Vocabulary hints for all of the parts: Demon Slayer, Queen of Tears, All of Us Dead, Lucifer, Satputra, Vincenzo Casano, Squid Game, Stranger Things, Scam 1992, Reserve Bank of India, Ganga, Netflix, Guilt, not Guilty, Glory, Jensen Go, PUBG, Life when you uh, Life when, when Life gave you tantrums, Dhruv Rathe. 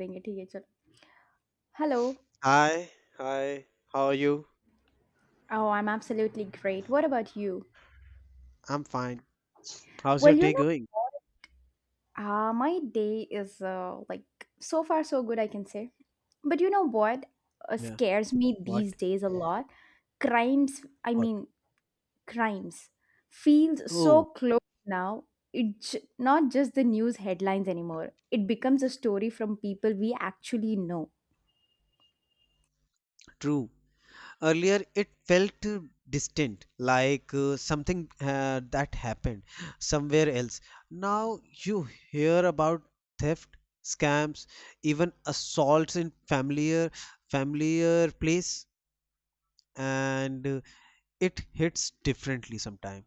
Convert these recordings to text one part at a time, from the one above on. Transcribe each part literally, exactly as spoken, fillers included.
Doing it here. So- Hello. Hi, hi. How are you? Oh, I'm absolutely great. What about you? I'm fine. How's your Well, you day know, going? what? Uh, my day is uh, like so far so good, I can say. But you know what uh, Yeah. scares me these What? days a lot? Crimes, I What? mean, crimes feels so Oh, close now. It j- not just the news headlines anymore. It becomes a story from people we actually know. true. Earlier it felt uh, distant, like uh, something uh, that happened somewhere else. Now you hear about theft, scams, even assaults in familiar familiar place, and uh, it hits differently sometimes.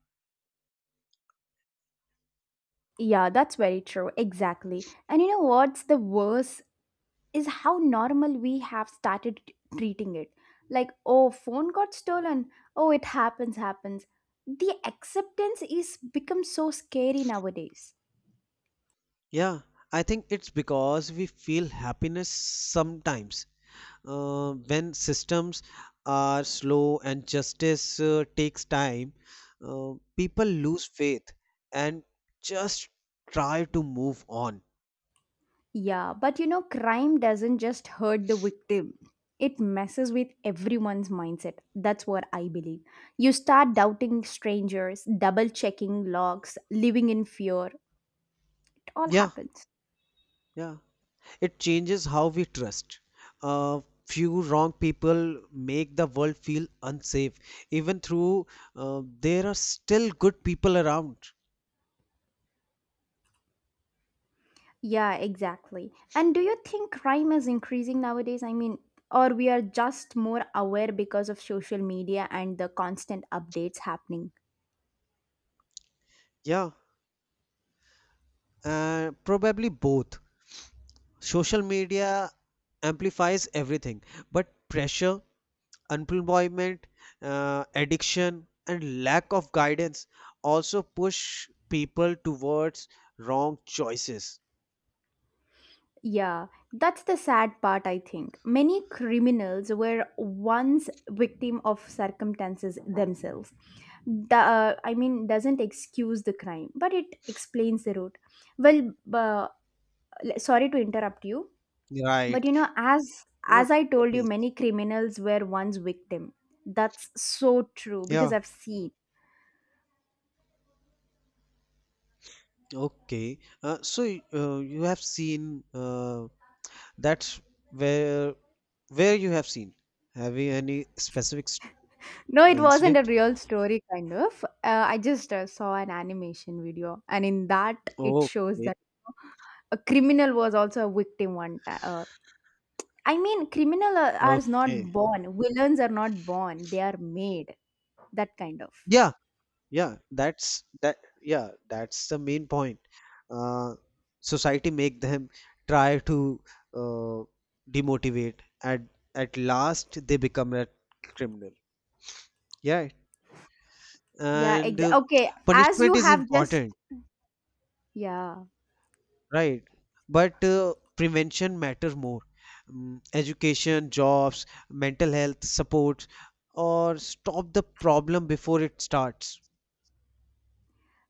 Yeah, that's very true. Exactly. And you know what's the worst is how normal we have started t- treating it. Like, oh, phone got stolen. Oh, it happens, happens. The acceptance is become so scary nowadays. Yeah, I think it's because we feel happiness sometimes Uh, when systems are slow and justice uh, takes time, uh, people lose faith and just try to move on. Yeah, but you know, crime doesn't just hurt the victim. It messes with everyone's mindset. That's what I believe. You start doubting strangers, double checking logs, living in fear. It all Yeah, happens. yeah. It changes how we trust. Uh, few wrong people make the world feel unsafe, even through uh, there are still good people around. Yeah, exactly. And do you think crime is increasing nowadays? I mean, or we are just more aware because of social media and the constant updates happening? Yeah, uh, probably both. Social media amplifies everything, but pressure unemployment, uh, addiction, and lack of guidance also push people towards wrong choices. Yeah, that's the sad part, I think. Many criminals were once victim of circumstances themselves. The, uh, I mean, doesn't excuse the crime, but it explains the root. Well, uh, l- sorry to interrupt you, Right. but you know, as Ru- as I Yeah, told you, please. many criminals were once victim. That's so true because Yeah. I've seen. Okay. Uh, so y- uh, you have seen uh, that's where where you have seen. Have you any specific s- No, uh, it wasn't a incident? real story, kind of. Uh, I just uh, saw an animation video, and in that, it shows Okay. that. A criminal was also a victim one time. Uh, I mean, criminal are are Okay. not born. Villains are not born. They are made. That kind of. Yeah. Yeah, that's that yeah that's the main point, uh, society make them try to, uh, demotivate, at at last they become a criminal. Yeah, Yeah. and uh, Exactly. Okay. As punishment you is have just. important, Yeah. right? But uh, prevention matter more. Mm, education jobs, mental health support, or stop the problem before it starts.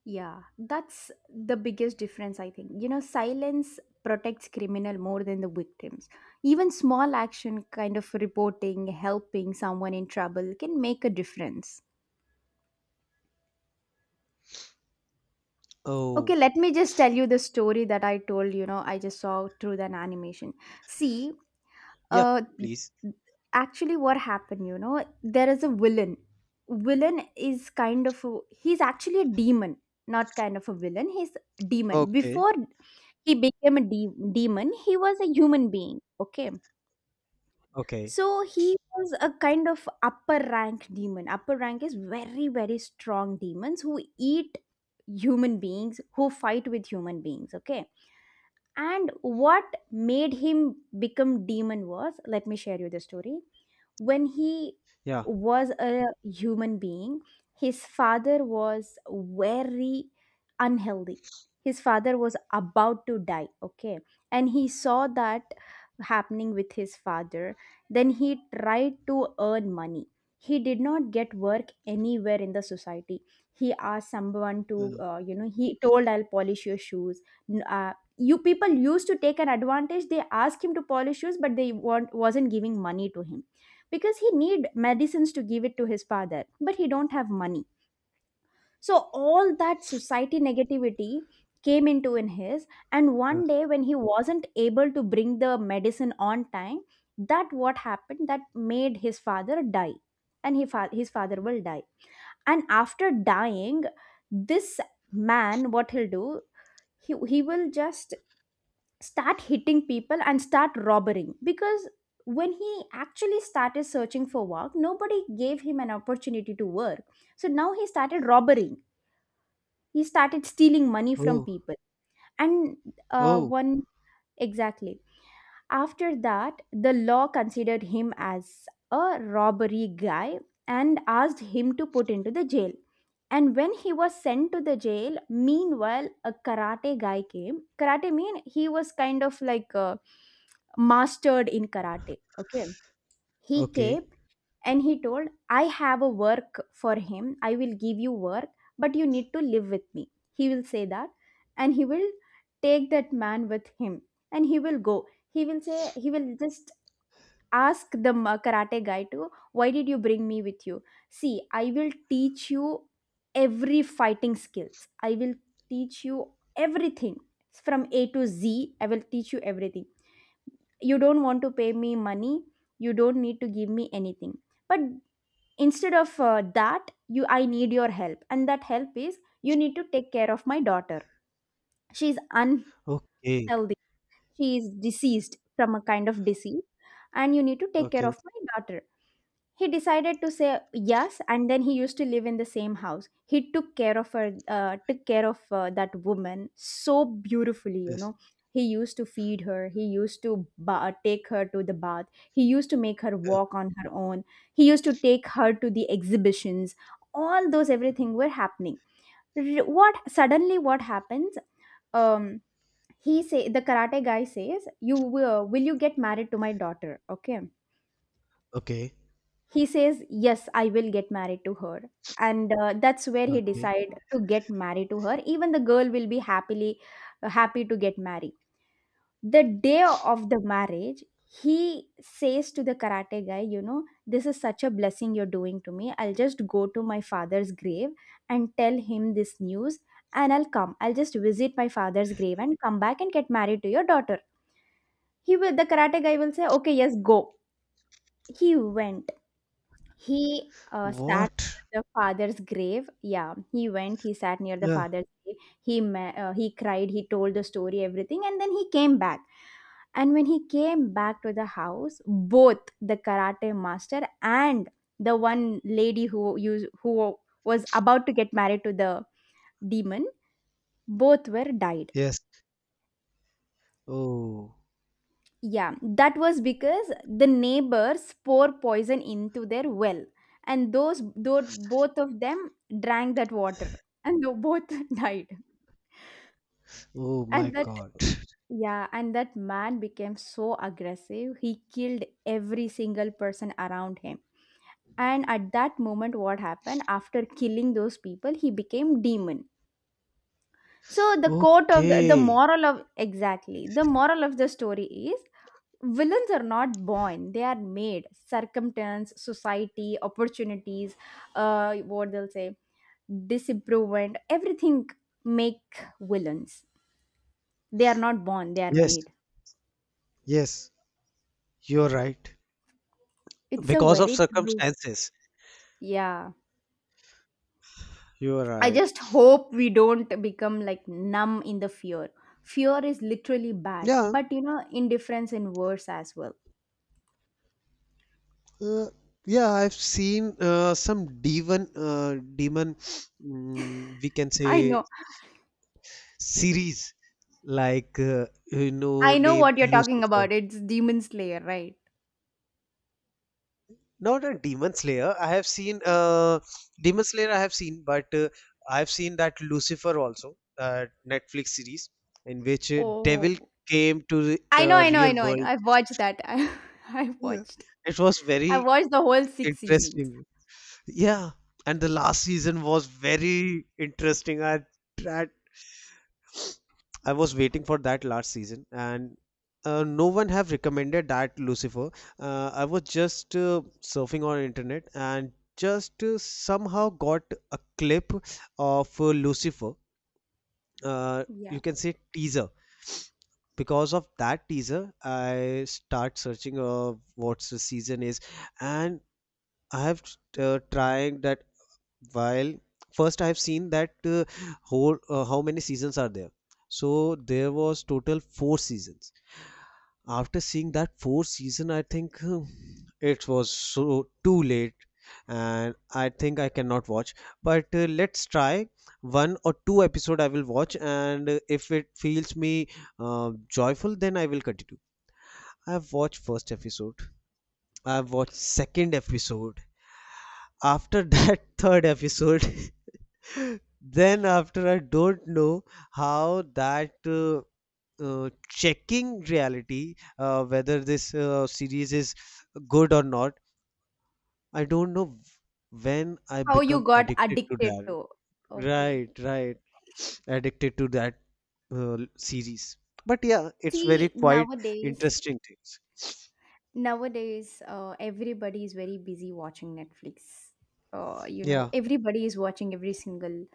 Yeah. That's the biggest difference, I think. You know, silence protects criminal more than the victims. Even small action, kind of reporting, helping someone in trouble, can make a difference. Oh, Okay, let me just tell you the story that I told, you know, I just saw through an animation. See, yeah, uh please. actually what happened, you know there is a villain. Villain is kind of a, he's actually a demon. Not kind of a villain, he's demon Okay, before he became a de- demon. He was a human being, okay. okay. So he was a kind of upper rank demon. Upper rank is very very strong demons who eat human beings, who fight with human beings, okay. And what made him become demon was, let me share you the story. When he Yeah. was a human being, his father was very unhealthy. His father was about to die, okay. And he saw that happening with his father. Then he tried to earn money. He did not get work anywhere in the society. He asked someone to, Mm, uh, you know he told, I'll polish your shoes. N- uh, you people used to take an advantage. They asked him to polish shoes, but they want, wasn't giving money to him, because he need medicines to give it to his father, but he don't have money. So all that society negativity came into in his, and one yeah. day when he wasn't able to bring the medicine on time, that what happened that made his father die. And he fa- his father will die. And after dying, this man, what he'll do, he, he will just start hitting people and start robbing, because when he actually started searching for work, nobody gave him an opportunity to work. So now he started robbing. He started stealing money from Oh, people. And uh, oh, one exactly, after that, the law considered him as a robbery guy and asked him to put into the jail. And when he was sent to the jail, meanwhile, a karate guy came. Karate mean he was kind of like uh, mastered in karate. Okay. He okay, came and he told, I have a work for him. I will give you work, but you need to live with me. He will say that. And he will take that man with him. And he will go. He will say, he will just ask the ma- karate guy to, why did you bring me with you? See, I will teach you every fighting skills. I will teach you everything from A to Z. I will teach you everything. You don't want to pay me money. You don't need to give me anything, but instead of uh, that, you I need your help, and that help is you need to take care of my daughter. She's okay, unhealthy. She is deceased from a kind of disease, and you need to take care okay, of my daughter. He decided to say yes, and then he used to live in the same house. He took care of her, uh, took care of uh, that woman so beautifully you yes, know He used to feed her. He used to ba- take her to the bath. He used to make her yeah, walk on her own. He used to take her to the exhibitions. All those, everything were happening. R- what suddenly what happens. um he say, the karate guy says, you will, will you get married to my daughter? Okay. okay, He says, yes, I will get married to her. And uh, that's where he okay. decide to get married to her. Even the girl will be happily uh, happy to get married. The day of the marriage, he says to the karate guy, you know, this is such a blessing you're doing to me. I'll just go to my father's grave and tell him this news. And i'll come I'll just visit my father's grave and come back and get married to your daughter. He will The karate guy will say, okay, yes, go. He went. He uh, sat near What? the father's grave. Yeah, he went. He sat near the Yeah, father's grave. He ma- uh, he cried. He told the story, everything, and then he came back. And when he came back to the house, both the karate master and the one lady who used who was about to get married to the demon, both were died. yes. Oh, Yeah, that was because the neighbors pour poison into their well, and those though both of them drank that water, and they both died. oh my And that God. Yeah, and that man became so aggressive. He killed every single person around him. And at that moment, what happened after killing those people, he became demon. So the quote of the, the Okay, moral of exactly the moral of the story is, villains are not born, they are made. Circumstance, society, opportunities, uh what they'll say, disimprovement, everything make villains. They are not born, they are yes, made. yes, you're right. It's a Because of very true. circumstances. Yeah, You're I right. just hope we don't become like numb in the fear. Fear is literally bad, Yeah, but you know indifference in worse as well. uh, yeah, I've seen uh, some demon. Uh, demon, mm, we can I say, know. series like, uh, you know, I know name what you're talking Lucifer. about. It's Demon Slayer, right? Not a Demon Slayer. I have seen uh, Demon Slayer. I have seen, but uh, I have seen that Lucifer also, uh, Netflix series in which uh, devil Oh, came to the I know, uh, I know, I real know, I know. world. I've watched that. I, I've Yeah. watched. It was I very watched the whole six seasons. interesting. Yeah, and the last season was very interesting. I tried I was waiting for that last season, and uh, no one have recommended that Lucifer. Uh, I was just uh, surfing on internet and just uh, somehow got a clip of uh, Lucifer. Uh, you Yeah. can say teaser. Because of that teaser, I start searching, uh, what's the season is, and I have uh, trying that. While first I have seen that, uh, whole, uh, how many seasons are there? So there was total four seasons. After seeing that four season, I think uh, it was so too late, and I think I cannot watch, but uh, let's try one or two episode I will watch, and uh, if it feels me uh, joyful, then I will continue. I have watched first episode, I have watched second episode, after that third episode, then after, I don't know how that uh, uh, checking reality, uh, whether this uh, series is good or not. I don't know when I How you become got addicted to addicted that. to. Okay. Right, right. Addicted to that uh, series. But yeah, it's very See, quite nowadays, interesting things. nowadays, uh, everybody is very busy watching Netflix. Uh, you know, Yeah, Everybody is watching every single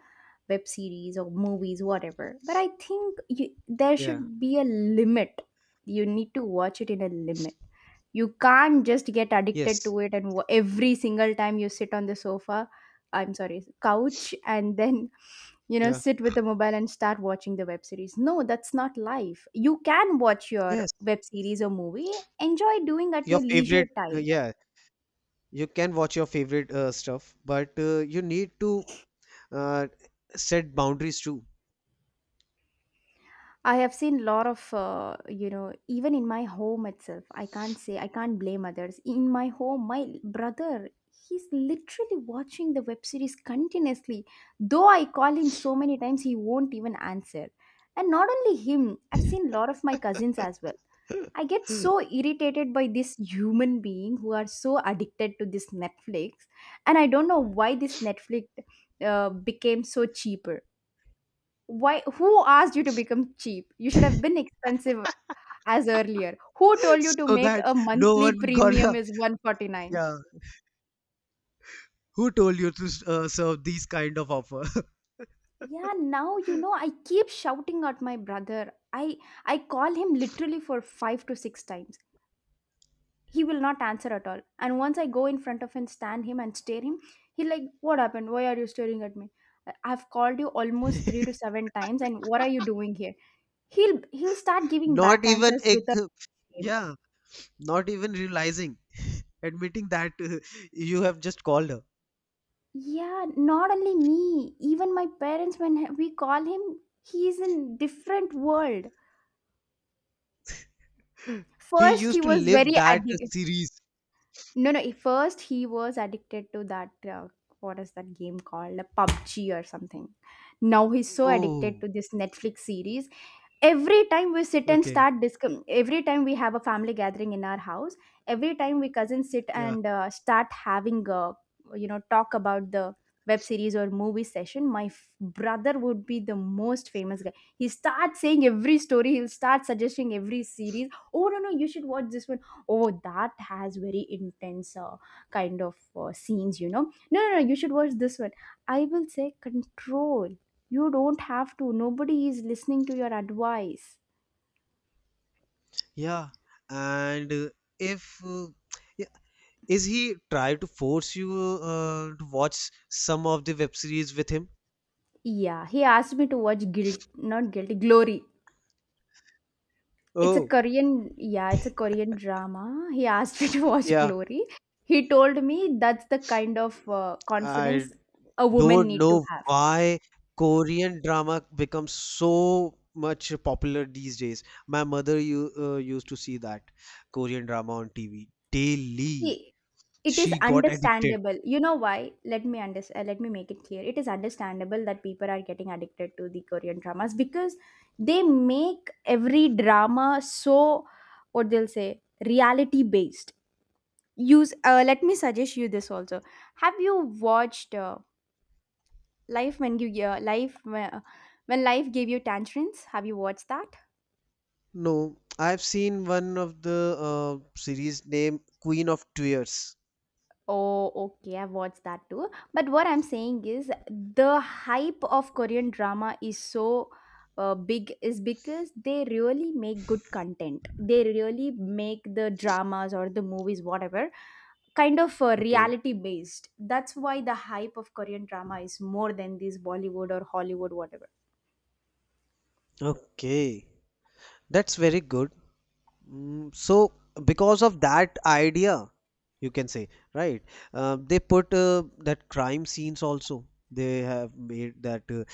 web series or movies, whatever, but I think, you, there yeah, should be a limit. You need to watch it in a limit. You can't just get addicted yes, to it, and wa- every single time you sit on the sofa, I'm sorry, couch, and then you know yeah, sit with the mobile and start watching the web series. No, that's not life. You can watch your yes. web series or movie, enjoy doing at Your your leisure favorite, uh, time. yeah, you can watch your favorite uh, stuff, but uh, you need to uh, set boundaries too. I have seen lot of, uh, you know, even in my home itself, I can't say, I can't blame others. In my home, my brother, he's literally watching the web series continuously. Though I call him so many times, he won't even answer. And not only him, I've seen lot of my cousins as well. I get so irritated by this human being who are so addicted to this Netflix, and I don't know why this Netflix uh, became so cheaper, why? Who asked you to become cheap? You should have been expensive as earlier. Who told you to So make that a no monthly one premium gonna, is one forty-nine? yeah, who told you to uh, serve these kind of offer. Yeah, now you know I keep shouting at my brother. I I call him literally for five to six times. He will not answer at all. And once I go in front of him, stand him and stare him, he like, "What happened? Why are you staring at me? I- I've called you almost three to seven times, and what are you doing here?" He'll he'll start giving not back even answers with a. ag- Yeah, not even realizing, admitting that uh, you have just called Yeah, not only me, even my parents, when we call him, he is in different world. her. He First, he used to was live very that addicted. series. No, no, first he was addicted to that, uh, what is that game called? A PUBG or something. Now he's so addicted Oh, to this Netflix series. Every time we sit and okay, start discuss, every time we have a family gathering in our house, every time we cousins sit yeah, and uh, start having a you know talk about the web series or movie session, my f- brother would be the most famous guy. He starts saying every story, he'll start suggesting every series. "Oh, no, no, you should watch this one. Oh, that has very intense uh, kind of uh, scenes, you know. No, no, no, you should watch this one." I will say, "Control, you don't have to. Nobody is listening to your advice." yeah, and uh, if uh, yeah, is he try to force you uh, to watch some of the web series with him? Yeah, he asked me to watch Guilt, not Guilty, Glory. It's a Oh, Korean, yeah, it's a Korean drama. He asked me to watch yeah, Glory. He told me that's the kind of uh, I confidence a woman don't need to know have. why Korean drama becomes so much popular these days. My mother you uh, used to see that Korean drama on T V daily. See, it is She got addicted. understandable. You know why? Let me under- uh, let me make it clear. It is understandable that people are getting addicted to the Korean dramas because they make every drama so, what they'll say, reality based. Use uh, Let me suggest you this also. Have you watched uh, Life when you uh, Life when, when Life gave you tantrums? Have you watched that? No, I've seen one of the uh, series named Queen of Tears. Oh, okay. I've watched that too. But what I'm saying is the hype of Korean drama is so uh, big is because they really make good content. They really make the dramas or the movies, whatever, kind of uh, Okay. reality based. That's why the hype of Korean drama is more than this Bollywood or Hollywood, whatever. Okay. That's very good. Mm, so, because of that idea, you can say, right? Uh, they put uh, that crime scenes also. They have made that uh,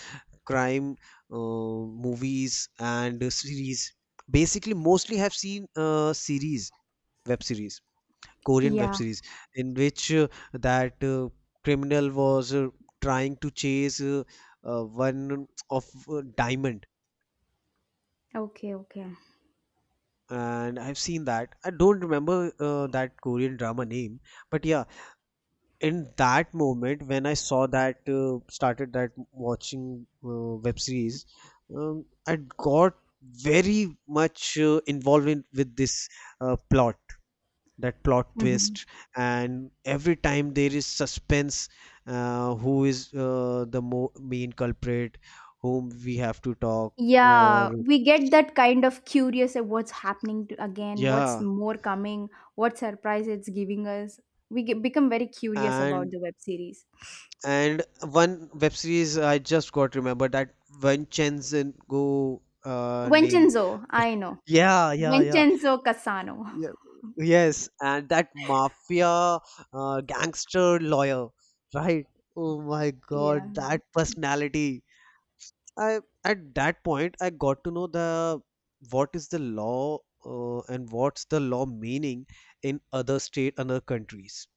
crime, uh, movies and series. Basically mostly have seen uh, series, web series, Korean web Yeah. series, in which uh, that uh, criminal was uh, trying to chase uh, uh, one of uh, diamond, Okay. Okay. and I've seen that. I don't remember uh, that Korean drama name, but yeah, in that moment when I saw that, uh, started that watching uh, web series, um, I got very much uh, involved in, with this uh, plot, that plot Mhm. twist, and every time there is suspense, uh, who is uh, the mo- main culprit, whom we have to talk, Yeah, or we get that kind of curious at what's happening to, again, what's yeah, more coming, what surprise it's giving us. We get, become very curious about and the web series. And one web series I just got remember that, one Jensen Go uh, name. Vincenzo, I know. Yeah, yeah, yeah. Vincenzo Casano. Yeah. Yes, and that mafia uh, gangster lawyer, right? Oh my Yeah. God, that personality. I at that point I got to know the, what is the law uh, and what's the law meaning in other state, other countries.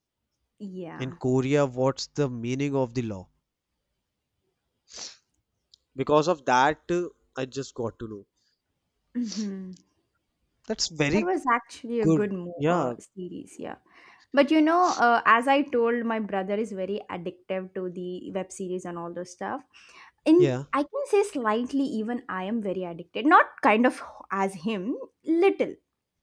In Yeah. Korea, what's the meaning of the law? Because of that uh, I just got to know. Mhm. That's That very was actually a good. good mo- uh, Yeah. series, yeah. But you know, uh, as I told, my brother is very addictive to the web series and all those stuff. In, Yeah. I can say slightly, even I am very addicted. Not kind of as him, little,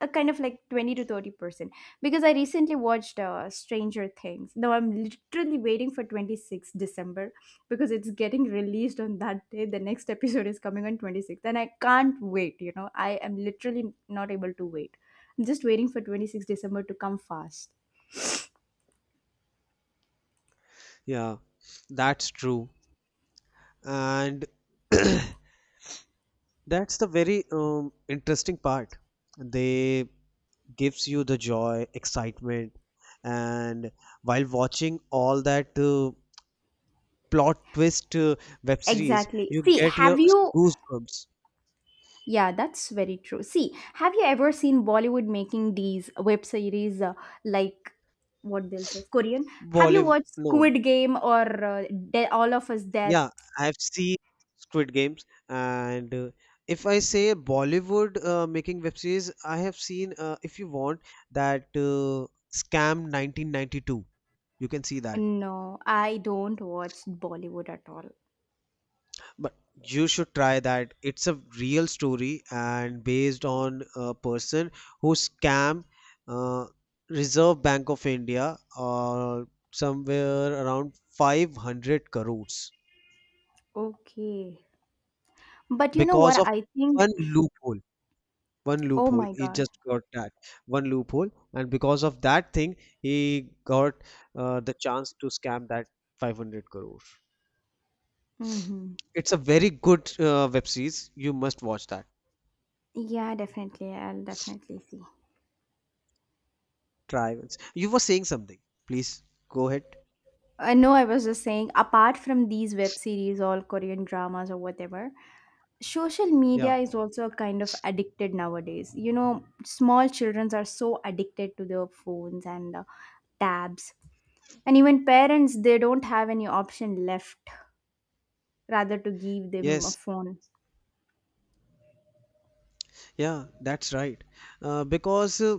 a kind of like twenty to thirty percent. Because I recently watched uh, Stranger Things. Now I'm literally waiting for twenty six December because it's getting released on that day. The next episode is coming on twenty-sixth, and I can't wait. You know, I am literally not able to wait. I'm just waiting for twenty-sixth December to come fast. Yeah, that's true. And that's the very um, interesting part. They gives you the joy, excitement, and while watching all that uh, plot twist uh, web series, Exactly. you See, get your have you, goosebumps. yeah, that's very true. See, have you ever seen Bollywood making these web series uh, like, what they'll say, Korean? Have you Bollywood. watched No. Squid Game or uh, De- All of Us Dead? Yeah, I've seen Squid Games, and uh, if I say Bollywood uh, making web series, I have seen, uh, if you want, that uh, Scam nineteen ninety-two. You can see that. No, I don't watch Bollywood at all. But you should try that. It's a real story and based on a person who scam uh, Reserve Bank of India or somewhere around five hundred crores Okay. But you know because what of I think. one loophole. One Oh loophole my he God. just got that one loophole and because of that thing he got uh, the chance to scam that five hundred crore. Mm-hmm. It's a very good uh, web series, you must watch that. Yeah, definitely. I'll definitely see. Trials, you were saying something, please go ahead. I know, I was just saying, apart from these web series, all Korean dramas or whatever, social Yeah, media is also a kind of addicted nowadays. You know, small children are so addicted to their phones and uh, tabs. And even parents, they don't have any option left rather to give them a yes, phone. yeah, that's right, uh, because uh,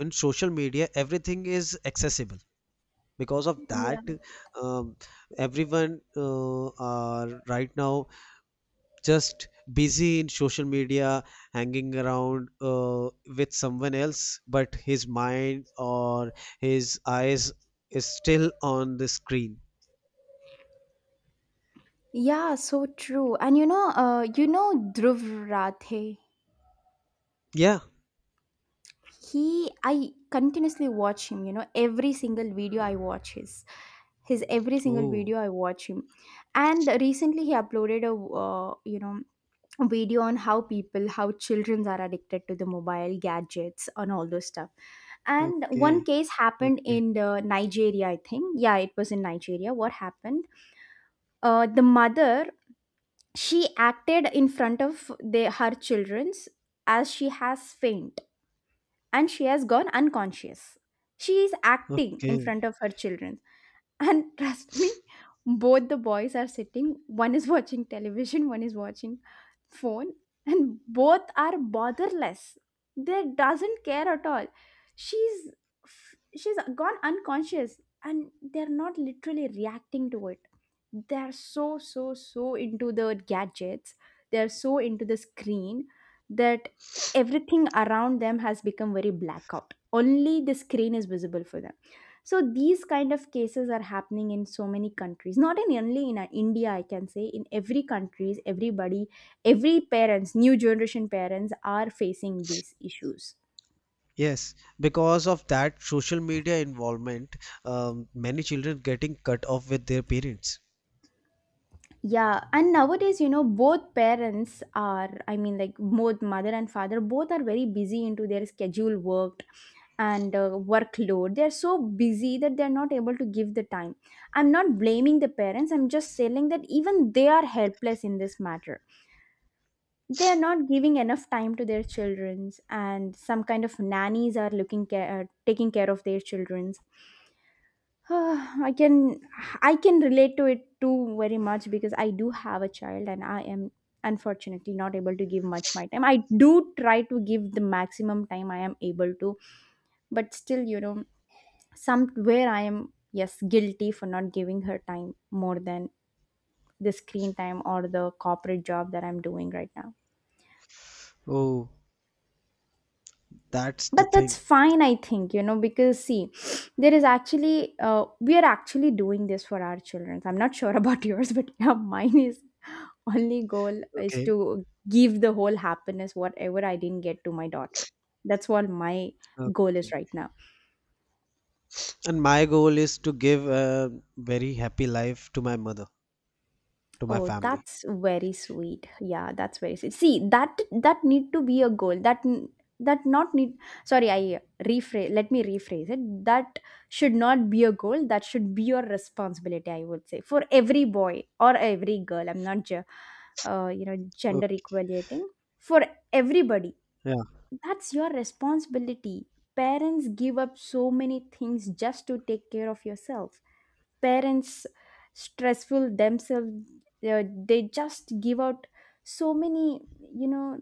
in social media everything is accessible. Because of Yeah. that, um, everyone uh, are right now just busy in social media, hanging around uh, with someone else, but his mind or his eyes is still on the screen. Yeah, so true. And you know, uh, you know Dhruv Rathe? Yeah. He I continuously watch him, you know, every single video I watch his his every single Oh, video I watch him. And recently he uploaded a uh, you know video on how people, how children are addicted to the mobile gadgets and all those stuff. And okay, one case happened okay, in the Nigeria, I think. Yeah, it was in Nigeria. What happened, uh, the mother, she acted in front of the her children's as she has faint and she has gone unconscious. She is acting in okay, front of her children. And trust me, both the boys are sitting. One is watching television, one is watching phone, and both are botherless. They doesn't care at all. she's she's gone unconscious and they're not literally reacting to it. They're so, so, so into the gadgets. They're so into the screen that everything around them has become very blackout. Only the screen is visible for them. So these kind of cases are happening in so many countries, not in only in uh, India. I can say in every countries, everybody, every parents, new generation parents are facing these issues. yes. Because of that social media involvement, um, many children getting cut off with their parents. Yeah, and nowadays, you know, both parents are, I mean, like both mother and father both are very busy into their schedule work and uh, workload. They're so busy that they're not able to give the time. I'm not blaming the parents, I'm just saying that even they are helpless in this matter. They are not giving enough time to their childrens, and some kind of nannies are looking care, uh, taking care of their children. Ah, I can I can relate to it too very much because I do have a child and I am unfortunately not able to give much my time. I do try to give the maximum time I am able to, but still, you know, somewhere I am, yes, guilty for not giving her time more than the screen time or the corporate job that I'm doing right now. Oh, that's the But that's thing. fine, I think, you know, because see, there is actually, uh, we are actually doing this for our children. I'm not sure about yours, but yeah, mine is, only goal is Okay, to give the whole happiness whatever I didn't get to my daughter. That's what my goal okay. is right now. And my goal is to give a very happy life to my mother, to my Oh, family. that's very sweet. Yeah, that's very sweet. See, that that need to be a goal. That n- that not need. Sorry, I rephrase. Let me rephrase it. That should not be a goal. That should be your responsibility. I would say for every boy or every girl. I'm not, ge- uh, you know, gender equating for everybody. Yeah. That's your responsibility. Parents give up so many things just to take care of yourself. Parents stressful themselves, uh, they just give out so many, you know,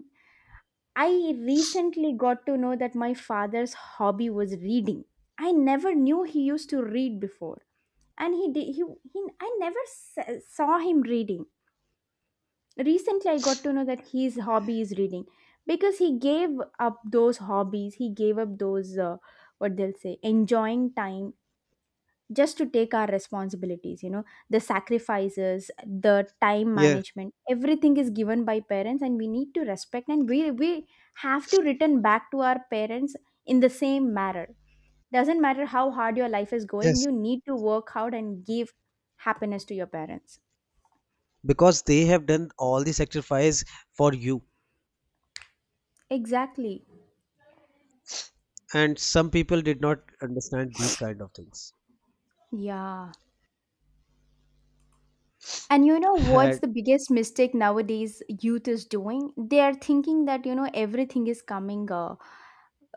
I recently got to know that my father's hobby was reading. I never knew he used to read before. And he did, he, he I never s- saw him reading. Recently I got to know that his hobby is reading, because he gave up those hobbies. He gave up those uh, what they'll say enjoying time, just to take our responsibilities. You know, the sacrifices, the time Yeah. management, everything is given by parents, and we need to respect and we we have to return back to our parents in the same manner. Doesn't matter how hard your life is going, Yes. you need to work hard and give happiness to your parents. Because they have done all the sacrifice for you. Exactly. And some people did not understand these kind of things. Yeah, and you know what's Had- the biggest mistake nowadays youth is doing? They are thinking that, you know, everything is coming uh,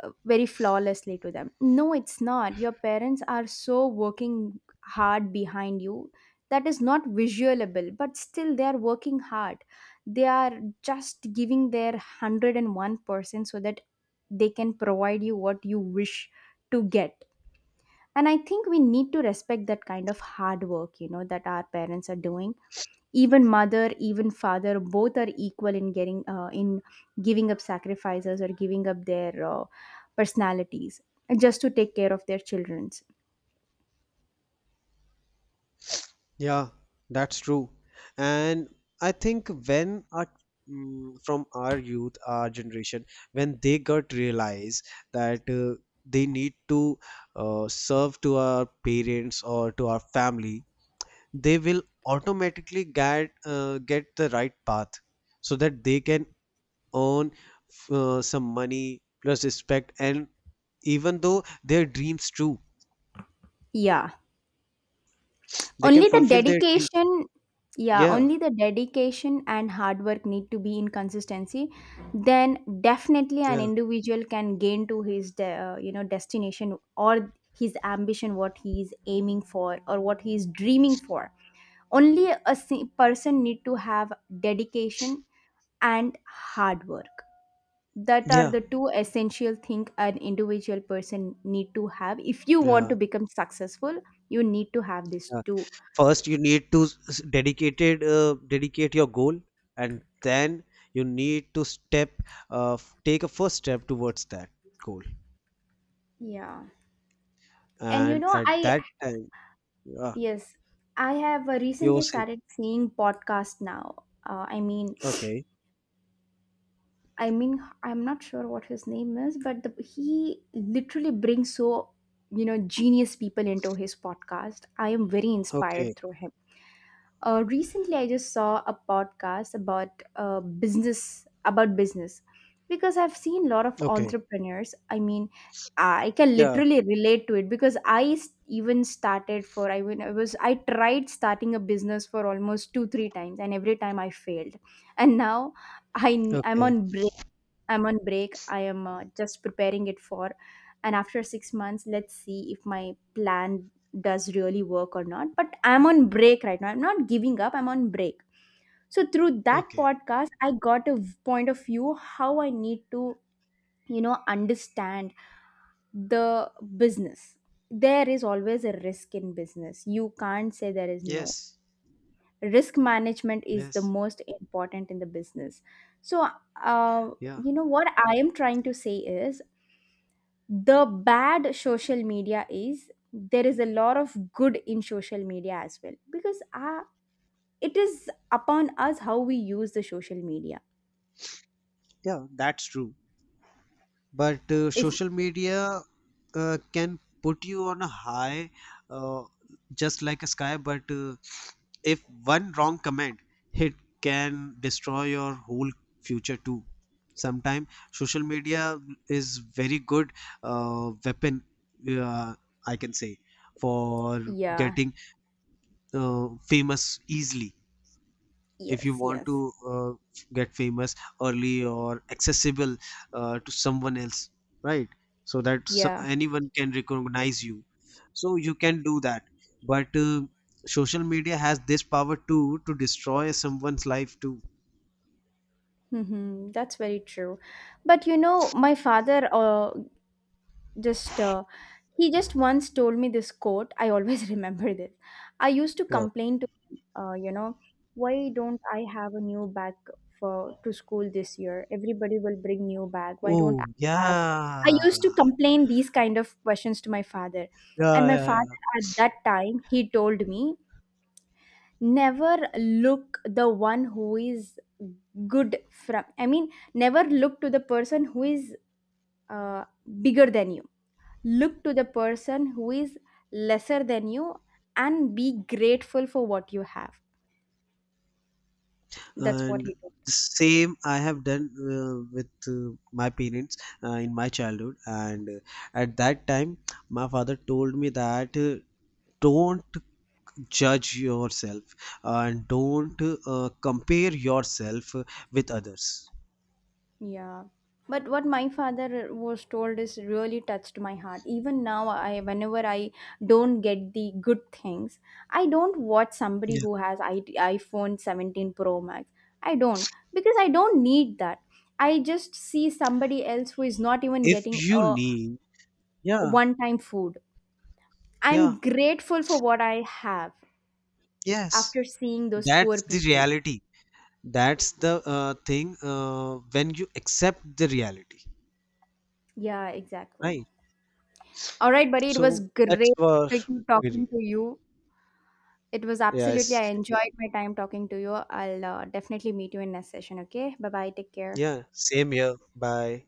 uh, very flawlessly to them. No, it's not. Your parents are so working hard behind you, that is not visualable, but still they are working hard. They are just giving their one hundred one percent so that they can provide you what you wish to get. And I think we need to respect that kind of hard work, you know, that our parents are doing. Even mother, even father, both are equal in getting uh, in giving up sacrifices or giving up their uh, personalities just to take care of their children's. yeah, that's true. And I think when our, mm, from our youth, our generation, when they got realize that uh, they need to uh, serve to our parents or to our family, they will automatically get uh, get the right path, so that they can earn uh, some money plus respect, and even though their dreams too, Yeah, they can only the fulfill their dreams too. dedication, yeah, Yeah, only the dedication and hard work need to be in consistency. Then definitely an yeah, individual can gain to his de- uh, you know, destination or his ambition, what he is aiming for or what he is dreaming for. Only a si- person need to have dedication and hard work. That are yeah, the two essential thing an individual person need to have if you want yeah, to become successful. You need to have these yeah. two. First you need to s- s- dedicated uh, dedicate your goal, and then you need to step, uh, f- take a first step towards that goal. Yeah. And you And know, at I, that time, yeah, yes, I have uh, you will recently say, started seeing podcast now. Uh, I mean, okay, I mean, I'm not sure what his name is, but the, he literally brings so, you know, genius people into his podcast. I am very okay, inspired through him. Uh, recently, I just saw a podcast about uh, business about business, because I've seen a lot of okay, entrepreneurs. I mean, I can yeah, literally relate to it because I s- even started for I when I was I tried starting a business for almost two three times and every time I failed. And now I i n- I'm okay, on break. I'm on break. I am, uh, just preparing it for. And after six months, let's see if my plan does really work or not. But I'm on break right now. I'm not giving up. I'm on break. So through that okay, podcast, I got a v- point of view how I need to, you know, understand the business. There is always a risk in business. You can't say there is no. yes, Risk management is the yes, most important in the business. So uh, yeah, you know what I am trying to say is the bad social media is, there is a lot of good in social media as well, because uh, it is upon us how we use the social media. yeah, that's true. But uh, If, social media uh, can put you on a high, uh, just like a sky, but uh, if one wrong comment, it can destroy your whole future too. Sometimes social media is very good uh, weapon, uh, I can say, for yeah, getting uh, famous easily. If you yes, want yes, to uh, get famous early or accessible uh, to someone else, right, so that so yeah, anyone can recognize you, so you can do that. But uh, social media has this power too to destroy someone's life too. hmm, that's very true. But you know, my father, uh, just uh, he just once told me this quote. I always remember this. I used to What? complain to him, uh, you know, why don't I have a new bag for to school this year? Everybody will bring new bag. Why don't Oh, I have? I yeah, used to complain these kind of questions to my father, and yeah, my yeah, yeah. father at that time he told me, never look the one who is good from. I mean, never look to the person who is uh, bigger than you. Look to the person who is lesser than you and be grateful for what you have. That's what And he told. the same I have done uh, with uh, my parents uh, in my childhood, and uh, at that time my father told me that uh, don't judge yourself, and don't uh, compare yourself with others. Yeah. But what my father was told is really touched my heart. Even now, I, whenever I don't get the good things, I don't watch somebody Yeah, who has I, iPhone seventeen Pro Max. I don't, because I don't need that. I just see somebody else who is not even if getting you a need, yeah, one-time food. I'm yeah, grateful for what I have, yes, after seeing those poor that's the people. reality. That's the uh, thing, uh, when you accept the reality, Yeah, exactly. right? All right, buddy, it was So that's great for talking really. talking to you. It was absolutely, Yes, I enjoyed my time talking to you. I'll uh, definitely meet you in next session, okay? Bye bye, take care. yeah, same here, bye.